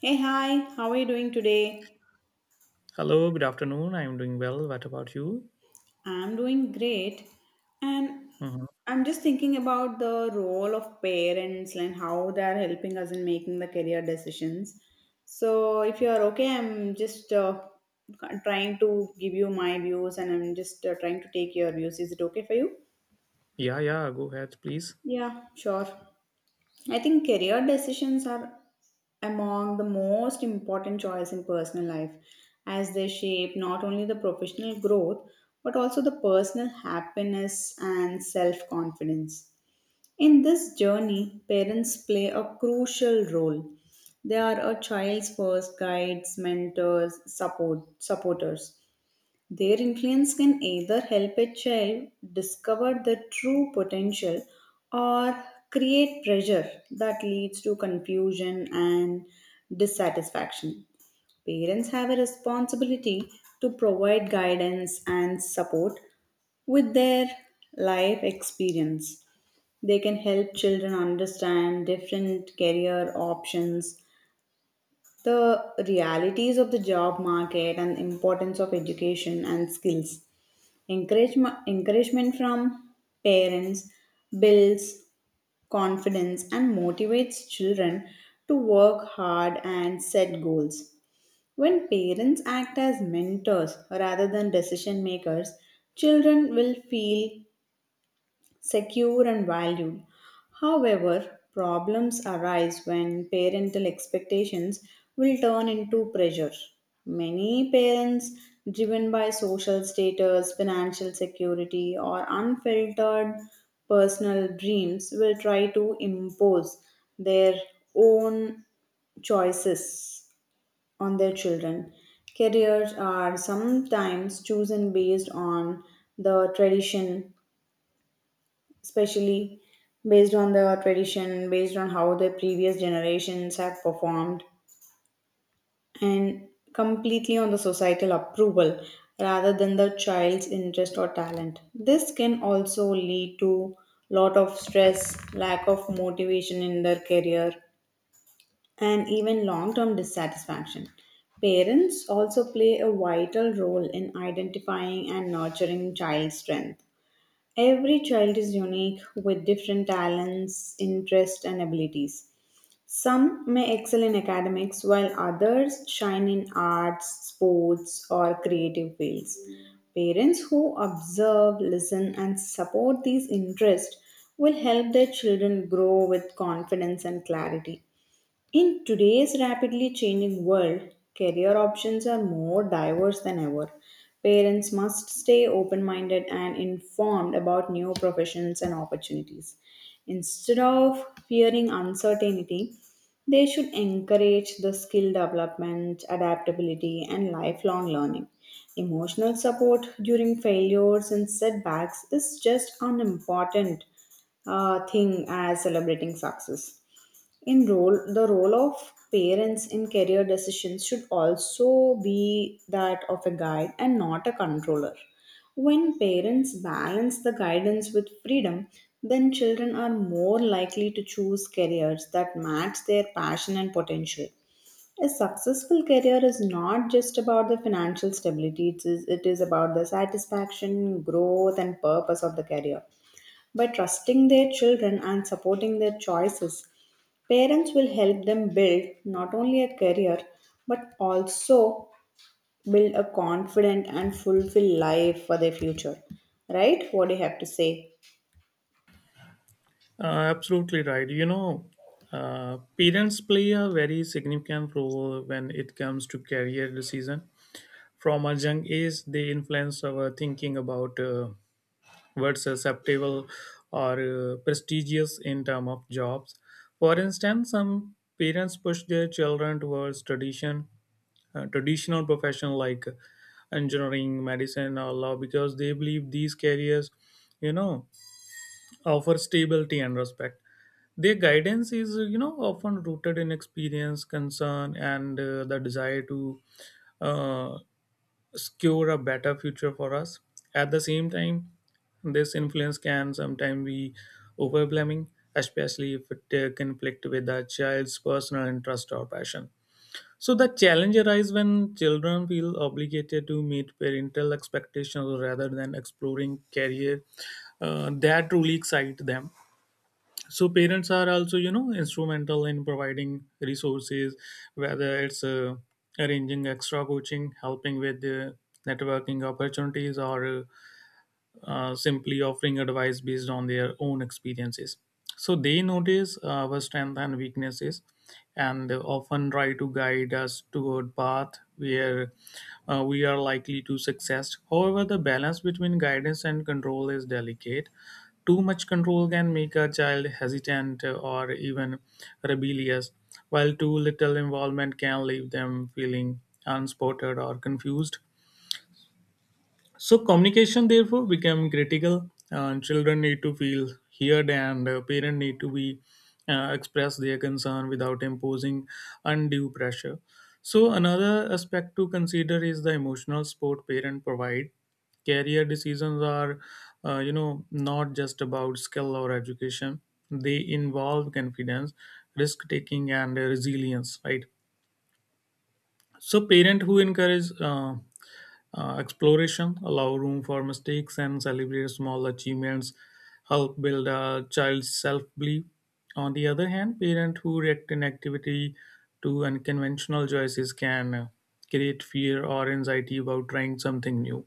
Hey, hi, how are you doing today? Hello, good afternoon. I'm doing well. What about you? I'm doing great. And Mhm. I'm just thinking about the role of parents and how they're helping us in making the career decisions. So, if you're okay, I'm just trying to give you my views and I'm just trying to take your views. Is it okay for you? Yeah, yeah, go ahead, please. Yeah, sure. I think career decisions are among the most important choice in personal life as they shape not only the professional growth but also the personal happiness and self-confidence. In this journey, parents play a crucial role. They are a child's first guides, mentors, supporters. Their influence can either help a child discover their true potential or create pressure that leads to confusion and dissatisfaction. Parents have a responsibility to provide guidance and support with their life experience. They can help children understand different career options, the realities of the job market, and the importance of education and skills. Encouragement from parents builds confidence and motivates children to work hard and set goals. When parents act as mentors rather than decision makers, children will feel secure and valued. However, problems arise when parental expectations will turn into pressure. Many parents, driven by social status, financial security, or unfiltered personal dreams, will try to impose their own choices on their children. Careers are sometimes chosen based on the tradition especially based on the tradition, based on how the previous generations have performed, and completely on the societal approval rather than the child's interest or talent. This can also lead to lot of stress, lack of motivation in their career, and even long-term dissatisfaction. Parents also play a vital role in identifying and nurturing child strength. Every child is unique with different talents, interests, and abilities. Some may excel in academics while others shine in arts, sports, or creative fields. Parents who observe, listen, and support these interests will help their children grow with confidence and clarity. In today's rapidly changing world, career options are more diverse than ever. Parents must stay open minded and informed about new professions and opportunities. Instead of fearing uncertainty, they should encourage the skill development, adaptability, and lifelong learning. Emotional support during failures and setbacks is just an important thing as celebrating success in role of parents in career decisions should also be that of a guide and not a controller. When parents balance the guidance with freedom, then children are more likely to choose careers that match their passion and potential. A successful career is not just about the financial stability. It is about the satisfaction growth and purpose of the career. By trusting their children and supporting their choices, parents will help them build not only a career but also build a confident and fulfilled life for their future. Right? What do you have to say? Absolutely right. You know, parents play a very significant role when it comes to career decision. From a young age, they influence our thinking about what's acceptable or prestigious in terms of jobs. For instance, some parents push their children towards traditional profession like engineering, medicine, or law because they believe these careers, you know, offer stability and respect. Their guidance is, you know, often rooted in experience, concern, and the desire to uh, secure a better future for us. At the same time, this influence can sometimes be overwhelming, especially if it conflict with a child's personal interest or passion. So the challenge arises when children feel obligated to meet parental expectations rather than exploring career that truly excite them. So parents are also, you know, instrumental in providing resources, whether it's arranging extra coaching, helping with networking opportunities, or simply offering advice based on their own experiences. So they notice our strengths and weaknesses, and they often try to guide us toward path where we are likely to success. However, the balance between guidance and control is delicate. Too much control can make a child hesitant or even rebellious, while too little involvement can leave them feeling unspotted or confused. So communication therefore become critical. Children need to feel heard, and parents need to be express their concern without imposing undue pressure. So another aspect to consider is the emotional support parent provide. Career decisions are, you know, not just about skill or education. They involve confidence, risk taking, and resilience. Right, so parents who encourage exploration, allow room for mistakes, and celebrate small achievements help build a child's self belief. On the other hand, parents who react inactivity to unconventional choices can create fear or anxiety about trying something new.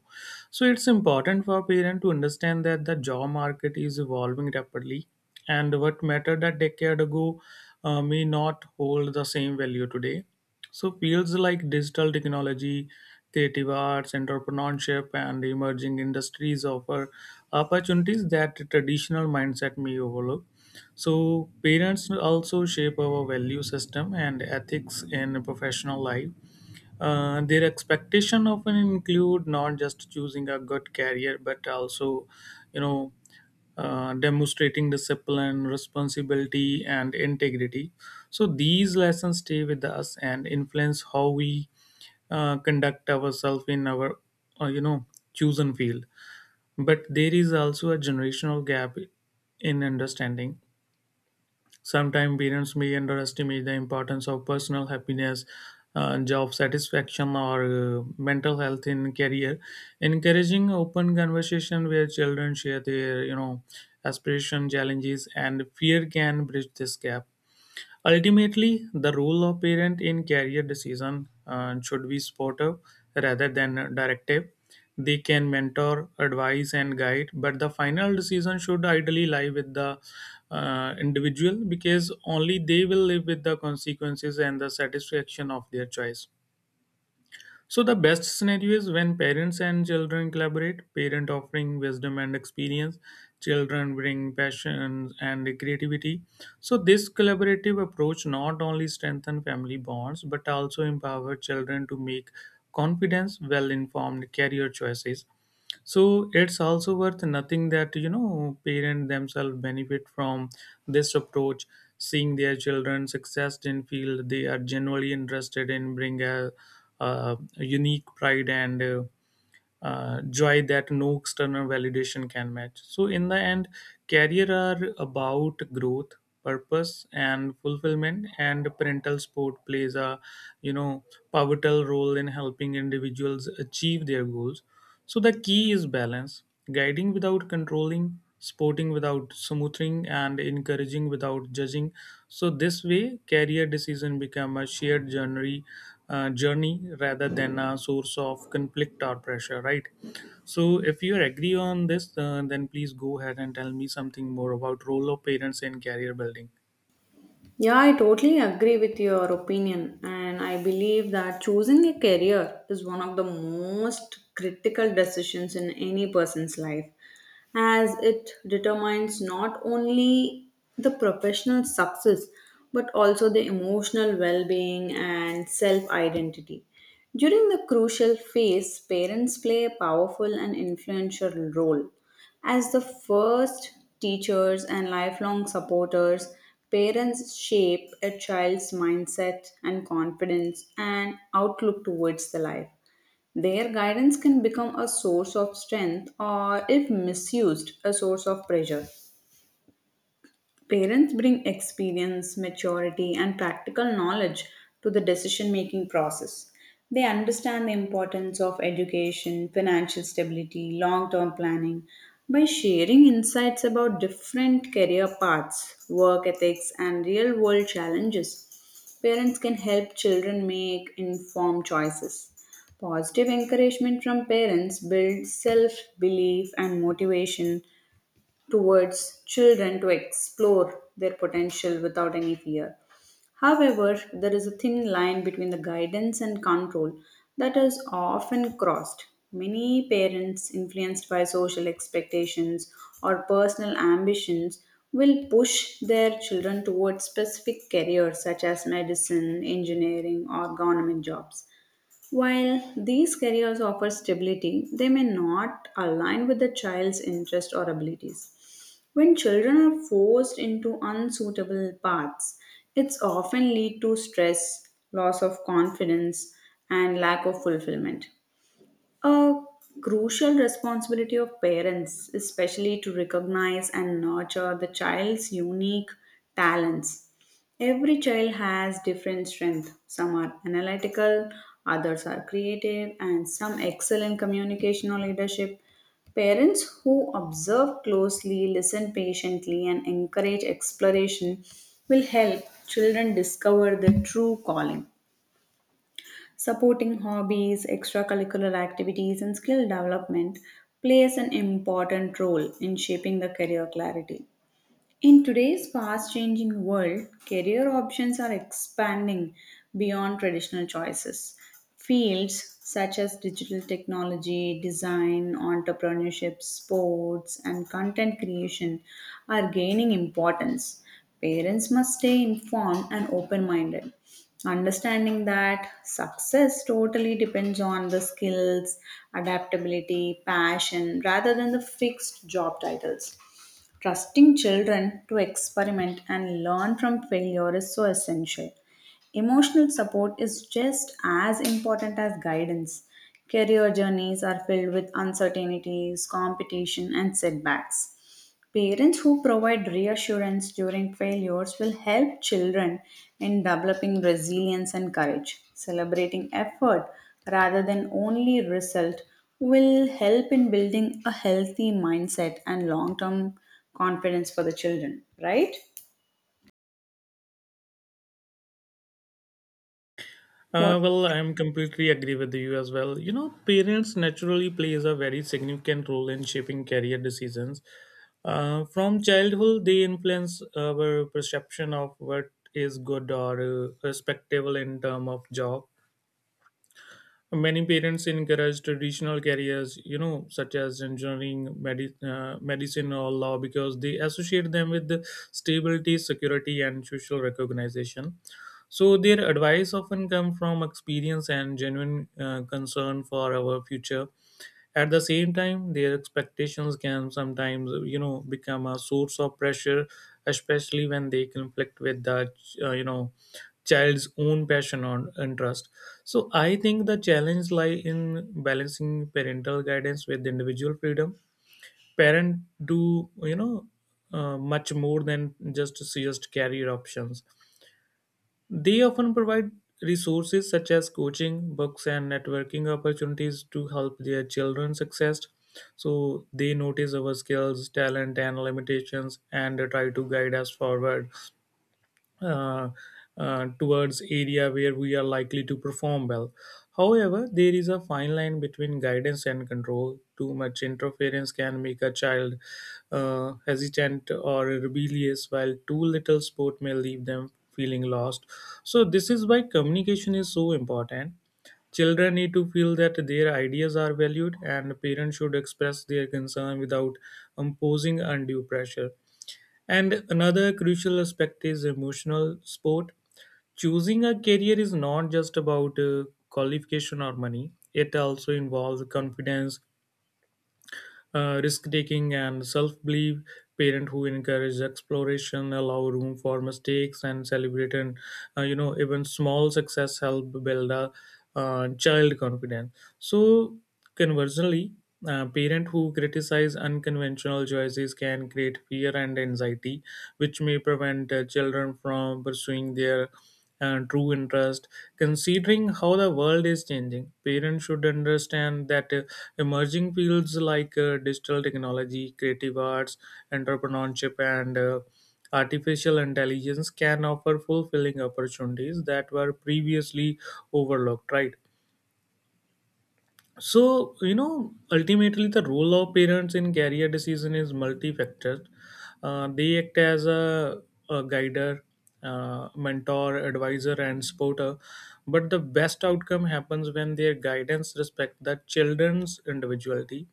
So it's important for parents to understand that the job market is evolving rapidly, and what mattered a decade ago may not hold the same value today. So fields like digital technology, creative arts, entrepreneurship, and emerging industries offer opportunities that traditional mindset may overlook. So parents also shape our value system and ethics in professional life. Their expectation often include not just choosing a good career but also, you know, demonstrating discipline responsibility and integrity. So these lessons stay with us and influence how we conduct ourselves in our, uh, chosen field. But there is also a generational gap in understanding. Sometimes parents may underestimate the importance of personal happiness, job satisfaction, or mental health in career. Encouraging open conversation where children share their aspiration, challenges, and fear can bridge this gap. Ultimately, the role of parent in career decision should be supportive rather than directive. They can mentor, advise, and guide, but the final decision should ideally lie with the individual, because only they will live with the consequences and the satisfaction of their choice. So the best scenario is when parents and children collaborate, parent offering wisdom and experience, children bring passion and creativity. So this collaborative approach not only strengthen family bonds but also empower children to make confidence well informed career choices. So it's also worth nothing that parents themselves benefit from this approach, seeing their children success in field they are genuinely interested in bring a unique pride and joy that no external validation can match. So in the end, career are about growth purpose and fulfillment, and parental support plays a, you know pivotal role in helping individuals achieve their goals. So the key is balance, guiding without controlling, supporting without smoothing, and encouraging without judging. So this way, career decision become a shared journey, journey rather than a source of conflict or pressure. Right. So if you agree on this, then please go ahead and tell me something more about role of parents in career building. Yeah, I totally agree with your opinion, and I believe that choosing a career is one of the most critical decisions in any person's life, as it determines not only the professional success but also the emotional well being and self identity. During the crucial phase, parents play a powerful and influential role. As the first teachers and lifelong supporters, parents shape a child's mindset and confidence and outlook towards the life. Their guidance can become a source of strength or, if misused, a source of pressure. Parents bring experience, maturity, and practical knowledge to the decision making process. They understand the importance of education, financial stability, long term planning. By sharing insights about different career paths, work ethics, and real world challenges, parents can help children make informed choices. Positive encouragement from parents builds self belief and motivation, towards children to explore their potential without any fear. However, there is a thin line between the guidance and control that is often crossed. Many parents, influenced by social expectations or personal ambitions, will push their children towards specific careers such as medicine, engineering, or government jobs. While these careers offer stability, they may not align with the child's interest or abilities. When children are forced into unsuitable paths, it's often lead to stress, loss of confidence, and lack of fulfillment. A crucial responsibility of parents, especially to recognize and nurture the child's unique talents. Every child has different strengths. Some are analytical, others are creative, and some excel in communication or leadership. Parents who observe closely, listen patiently, and encourage exploration will help children discover their true calling. Supporting hobbies, extracurricular activities, and skill development plays an important role in shaping the career clarity. In today's fast changing world, career options are expanding beyond traditional choices. Fields such as digital technology, design, entrepreneurship, sports, and content creation are gaining importance. Parents must stay informed and open minded, understanding that success totally depends on the skills, adaptability, passion, rather than the fixed job titles. Trusting children to experiment and learn from failure is so essential. Emotional support is just as important as guidance. Career journeys are filled with uncertainties, competition, and setbacks. Parents who provide reassurance during failures will help children in developing resilience and courage. Celebrating effort rather than only result will help in building a healthy mindset and long term confidence for the children, right? Uh, What? well, I'm completely agree with you as well. You know, parents naturally plays a very significant role in shaping career decisions. From childhood, they influence our perception of what is good or respectable in term of job. Many parents encourage traditional careers, you know, such as engineering, medicine, or law, because they associate them with the stability, security, and social recognition. So their advice often come from experience and genuine concern for our future. At the same time, their expectations can sometimes, you know, become a source of pressure, especially when they conflict with the, uh, you know, child's own passion or interest. So I think the challenge lie in balancing parental guidance with individual freedom. Parents do, you know, much more than just suggest career options. They often provide resources such as coaching, books, and networking opportunities to help their children success. So they notice our skills, talent, and limitations and try to guide us forward uh, towards area where we are likely to perform well. However, there is a fine line between guidance and control. Too much interference can make a child hesitant or rebellious, while too little support may leave them feeling lost. So this is why communication is so important. Children need to feel that their ideas are valued, and parents should express their concern without imposing undue pressure. And another crucial aspect is emotional support. Choosing a career is not just about qualification or money, it also involves confidence, risk taking and self belief. Parent who encourage exploration allow room for mistakes and celebrate and, uh, even small success help build a child confidence. So conversely, parent who criticize unconventional choices can create fear and anxiety which may prevent children from pursuing their and true interest. Considering how the world is changing, parents should understand that emerging fields like digital technology, creative arts, entrepreneurship, and artificial intelligence can offer fulfilling opportunities that were previously overlooked, right? So, you know, ultimately the role of parents in career decision is multifactored. They act as a guider, mentor, advisor, and supporter. But the best outcome happens when their guidance respect the children's individuality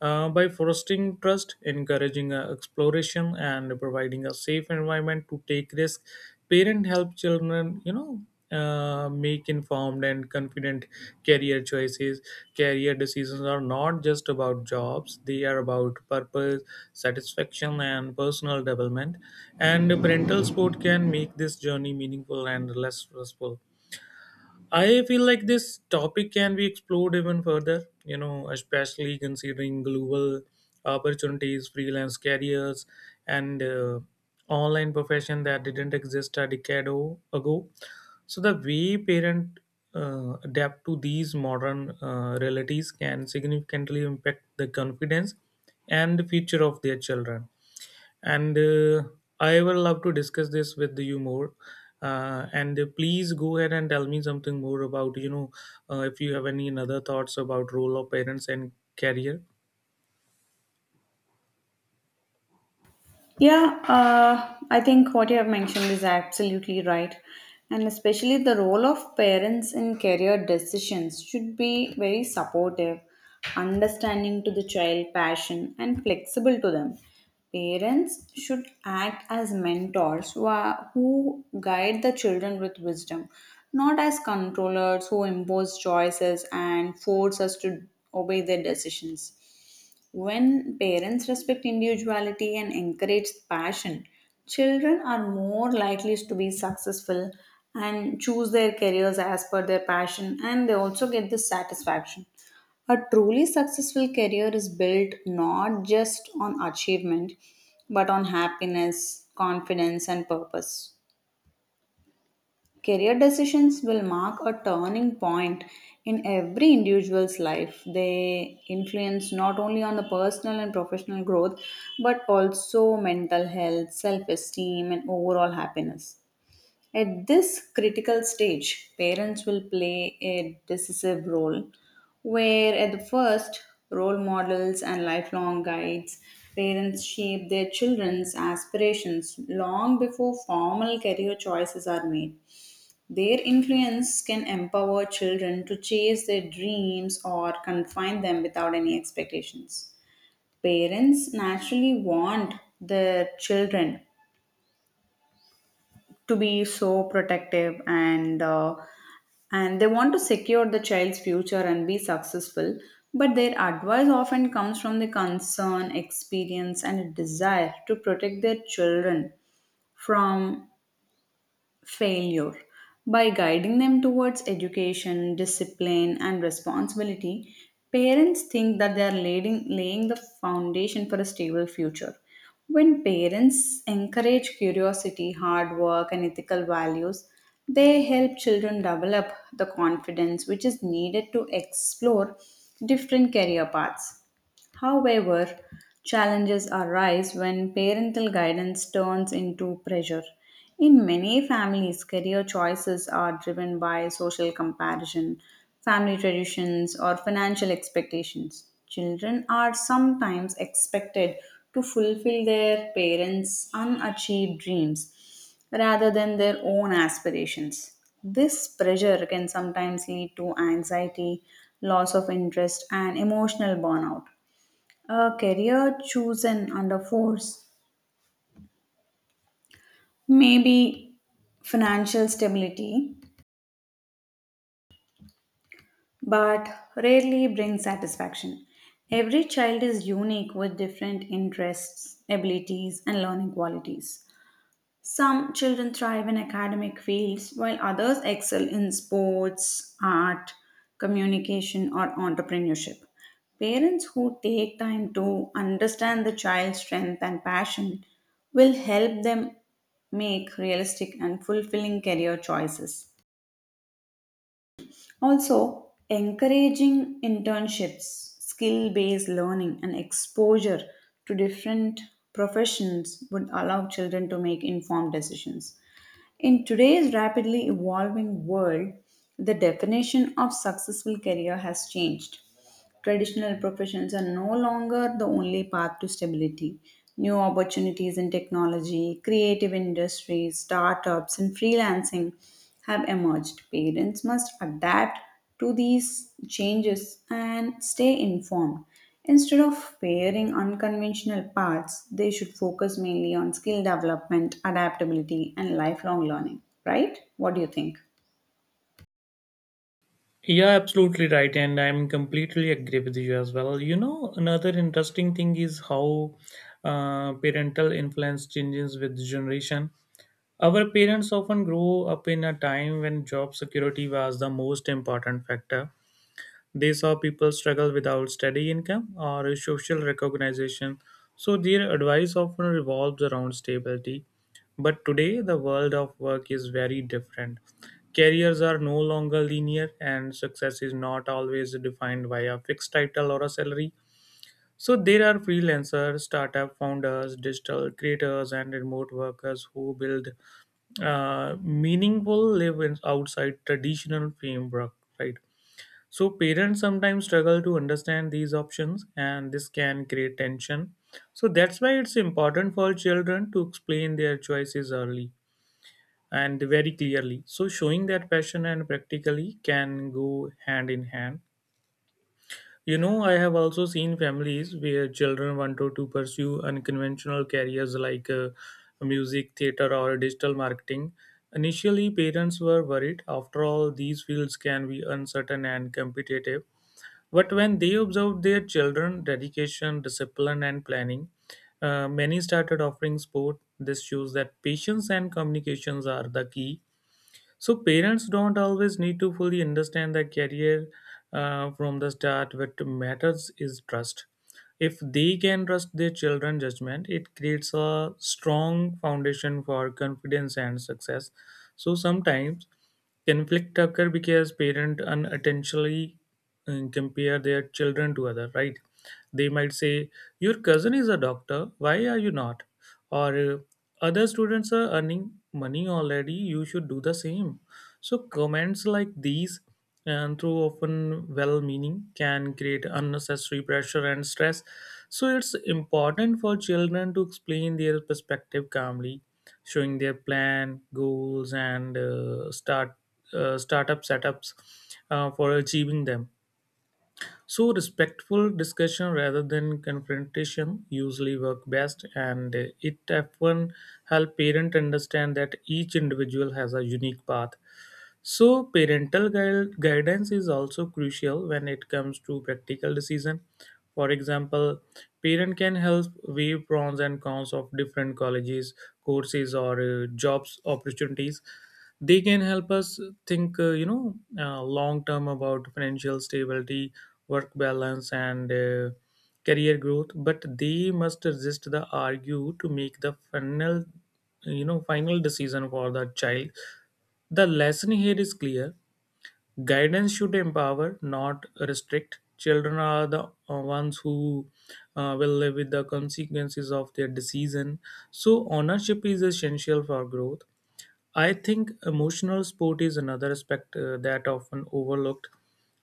by fostering trust, encouraging exploration, and providing a safe environment to take risks. Parents help children, make informed and confident career choices. Career decisions are not just about jobs; they are about purpose, satisfaction, and personal development. And parental support can make this journey meaningful and less stressful. I feel like this topic can be explored even further, you know, especially considering global opportunities, freelance careers, and online profession that didn't exist a ago. So the way parent adapt to these modern realities can significantly impact the confidence and the future of their children, and I will love to discuss this with you more. And please go ahead and tell me something more about, you know, if you have any other thoughts about role of parents and career. Yeah, I think what you have mentioned is absolutely right. And especially the role of parents in career decisions should be very supportive, understanding to the child passion, and flexible to them. Parents should act as mentors who guide the children with wisdom, not as controllers who impose choices and force us to obey their decisions. When parents respect individuality and encourage passion, children are more likely to be successful and choose their careers as per their passion, and they also get this satisfaction. A truly successful career is built not just on achievement, but on happiness, confidence, and purpose. Career decisions will mark a turning point in every individual's life. They influence not only on the personal and professional growth, but also mental health, self esteem, and overall happiness. At this critical stage, parents will play a decisive role where at the first role models and lifelong guides, parents shape their children's aspirations long before formal career choices are made. Their influence can empower children to chase their dreams or confine them without any expectations. Parents naturally want their children to be so protective and and they want to secure the child's future and be successful, but their advice often comes from the concern, experience, and a desire to protect their children from failure. By guiding them towards education, discipline, and responsibility, parents think that they are laying the foundation for a stable future. When parents encourage curiosity, hard work, and ethical values, they help children develop the confidence which is needed to explore different career paths. However, challenges arise when parental guidance turns into pressure. In many families, career choices are driven by social comparison, family traditions, or financial expectations. Children are sometimes expected to fulfill their parents' unachieved dreams rather than their own aspirations. This pressure can sometimes lead to anxiety, loss of interest, and emotional burnout. A career chosen under force may be financial stability, but rarely brings satisfaction. Every child is unique with different interests, abilities, and learning qualities. Some children thrive in academic fields while others excel in sports, art, communication, or entrepreneurship. Parents who take time to understand the child's strength and passion will help them make realistic and fulfilling career choices. Also, encouraging internships, skill based learning, and exposure to different professions would allow children to make informed decisions. In today's rapidly evolving world, the definition of successful career has changed. Traditional professions are no longer the only path to stability. New opportunities in technology, creative industries, startups, and freelancing have emerged. Parents must adapt to these changes and stay informed. Instead of pairing unconventional paths, they should focus mainly on skill development, adaptability, and lifelong learning. Right? What do you think? Yeah, absolutely right, and I'm completely agree with you as well. You know, another interesting thing is how parental influence changes with generation. Our parents often grow up in a time when job security was the most important factor. They saw people struggle without steady income or social recognition, so their advice often revolves around stability. But today, the world of work is very different. Careers are no longer linear, and success is not always defined by a fixed title or a salary. So there are freelancers, startup founders, digital creators, and remote workers who build meaningful lives outside traditional framework, right? So parents sometimes struggle to understand these options, and this can create tension. So that's why it's important for children to explain their choices early and very clearly. So showing that passion and practically can go hand in hand. You know, I have also seen families where children wanted to pursue unconventional careers like music, theater, or digital marketing. Initially, parents were worried. After all, these fields can be uncertain and competitive. But when they observed their children' dedication, discipline, and planning, many started offering sport. This shows that patience and communications are the key. So parents don't always need to fully understand the career from the start. What matters is trust. If they can trust their children's judgment, it creates a strong foundation for confidence and success. So sometimes. Conflict occur because parents unintentionally compare their children to other, right? They might say, "Your cousin is a doctor. Why are you not?" Or other students are earning money already. You should do the same. So comments like these and too often well meaning can create unnecessary pressure and stress. So it's important for children to explain their perspective calmly, showing their plan goals and, uh, startup setups for achieving them. So respectful discussion rather than confrontation usually work best, and it often help parent understand that each individual has a unique path. So parental guidance is also crucial when it comes to practical decision. For example, parent can help weigh pros and cons of different colleges, courses, or jobs opportunities. They can help us think, uh, long term about financial stability, work balance, and career growth. But they must resist the argue to make the final, final decision for the child. The lesson here is clear. Guidance should empower, not restrict. Children are the ones who will live with the consequences of their decision. So ownership is essential for growth. I think emotional support is another aspect that often overlooked.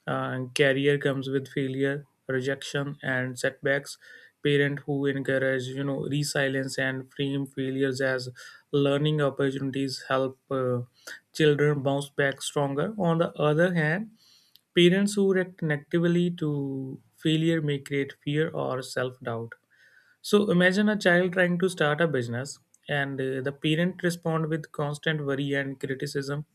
Career comes with failure, rejection, and setbacks. Parent who encourage, resilience and frame failures as learning opportunities help children bounce back stronger. On the other hand, parents who react negatively to failure may create fear or self doubt. So imagine a child trying to start a business, and the parent respond with constant worry and criticism.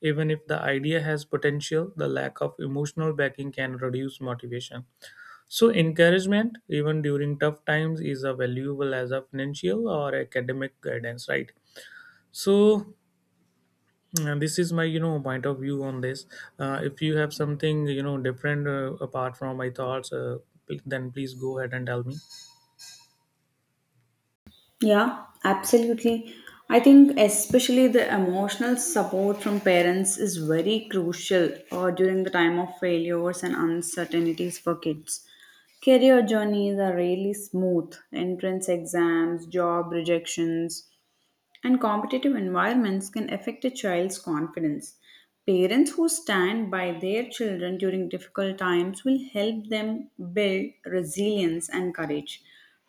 Even if the idea has potential, the lack of emotional backing can reduce motivation. So encouragement, even during tough times, is a valuable as a financial or academic guidance, right? So this is my, point of view on this. If you have something, different apart from my thoughts, then please go ahead and tell me. Yeah, absolutely. I think especially the emotional support from parents is very crucial during the time of failures and uncertainties for kids. Career journeys are really smooth. Entrance exams, job rejections, and competitive environments can affect a child's confidence. Parents who stand by their children during difficult times will help them build resilience and courage.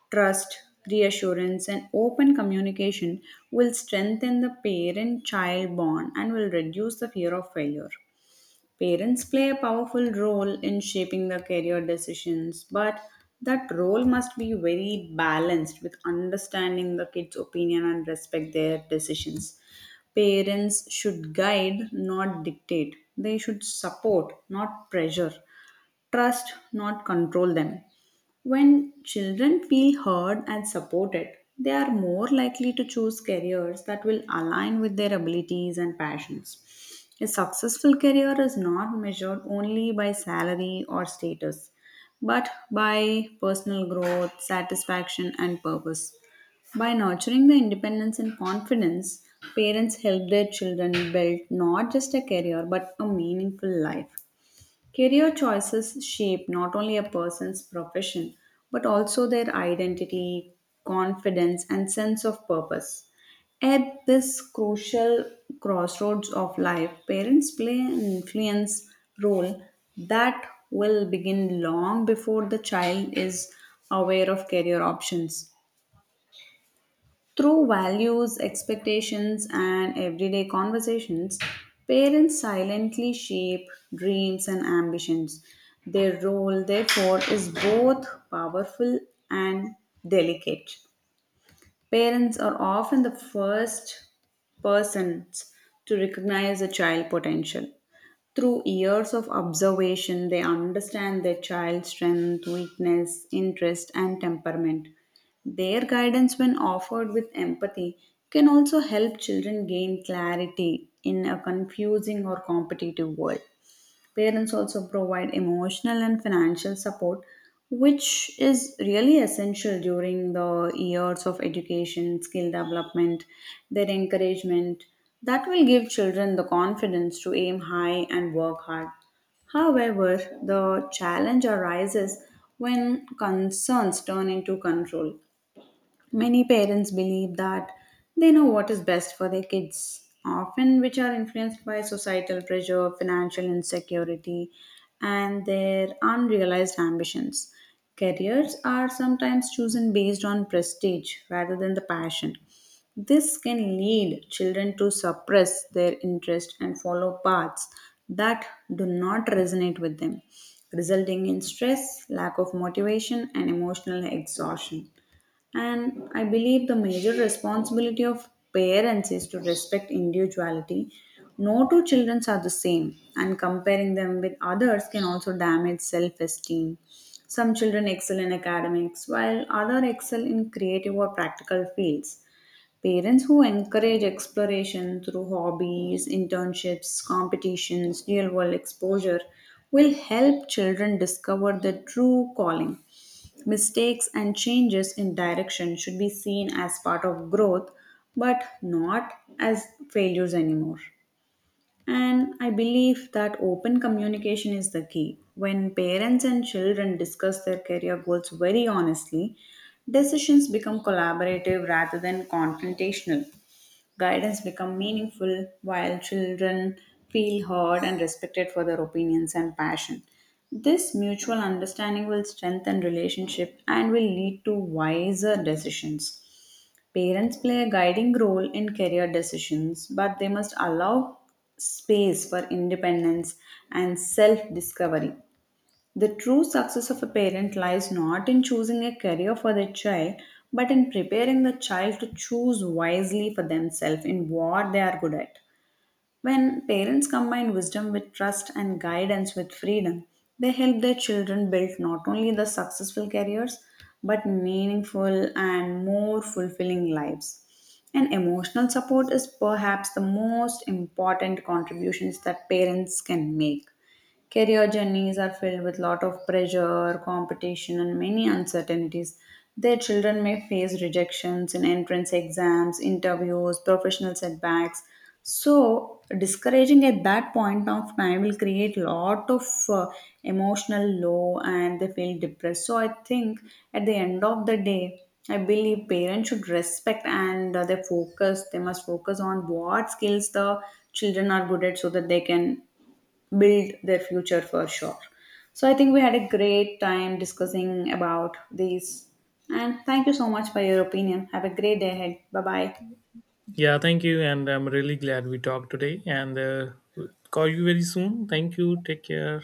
Trust, reassurance, and open communication will strengthen the parent child bond and will reduce the fear of failure. Parents play a powerful role in shaping the career decisions, but that role must be very balanced with understanding the kids' opinion and respect their decisions. Parents should guide, not dictate. They should support, not pressure trust, not control them. When children feel heard and supported, they are more likely to choose careers that will align with their abilities and passions. A successful career is not measured only by salary or status, but by personal growth, satisfaction, and purpose. By nurturing the independence and confidence, parents help their children build not just a career but a meaningful life. Career choices shape not only a person's profession, but also their identity, confidence, and sense of purpose. At this crucial crossroads of life, parents play an influence role that will begin long before the child is aware of career options. Through values, expectations, and everyday conversations, parents silently shape dreams and ambitions. Their role, therefore, is both powerful and delicate. Parents are often the first persons to recognize a child potential. Through years of observation, they understand their child's strength, weakness, interest, and temperament. Their guidance, when offered with empathy, can also help children gain clarity in a confusing or competitive world. Parents also provide emotional and financial support, which is really essential during the years of education, skill development, their encouragement. That will give children the confidence to aim high and work hard. However, the challenge arises when concerns turn into control. Many parents believe that they know what is best for their kids, often which are influenced by societal pressure, financial insecurity, and their unrealized ambitions. Careers are sometimes chosen based on prestige rather than the passion. This can lead children to suppress their interest and follow paths that do not resonate with them, resulting in stress, lack of motivation, and emotional exhaustion. And I believe the major responsibility of parents is to respect individuality. No two children are the same, and comparing them with others can also damage self esteem. Some children excel in academics, while others excel in creative or practical fields. Parents who encourage exploration through hobbies, internships, competitions, real world exposure will help children discover their true calling. Mistakes and changes in direction should be seen as part of growth, but not as failures anymore. And I believe that open communication is the key. When parents and children discuss their career goals very honestly, decisions become collaborative rather than confrontational. Guidance become meaningful while children feel heard and respected for their opinions and passion. This mutual understanding will strengthen relationship and will lead to wiser decisions. Parents play a guiding role in career decisions, but they must allow space for independence and self discovery. The true success of a parent lies not in choosing a career for their child, but in preparing the child to choose wisely for themselves in what they are good at. When parents combine wisdom with trust and guidance with freedom, they help their children build not only the successful careers but meaningful and more fulfilling lives. And emotional support is perhaps the most important contributions that parents can make. Career journeys are filled with lot of pressure, competition, and many uncertainties. Their children may face rejections in entrance exams, interviews, professional setbacks. So, discouraging at that point of time will create lot of emotional low and they feel depressed. So, I think at the end of the day, I believe parents should respect and they focus, they must focus on what skills the children are good at so that they can build their future for sure. So I think we had a great time discussing about these. And thank you so much for your opinion. Have a great day ahead. Bye bye. Yeah, thank you. And I'm really glad we talked today. And call you very soon. Thank you. Take care.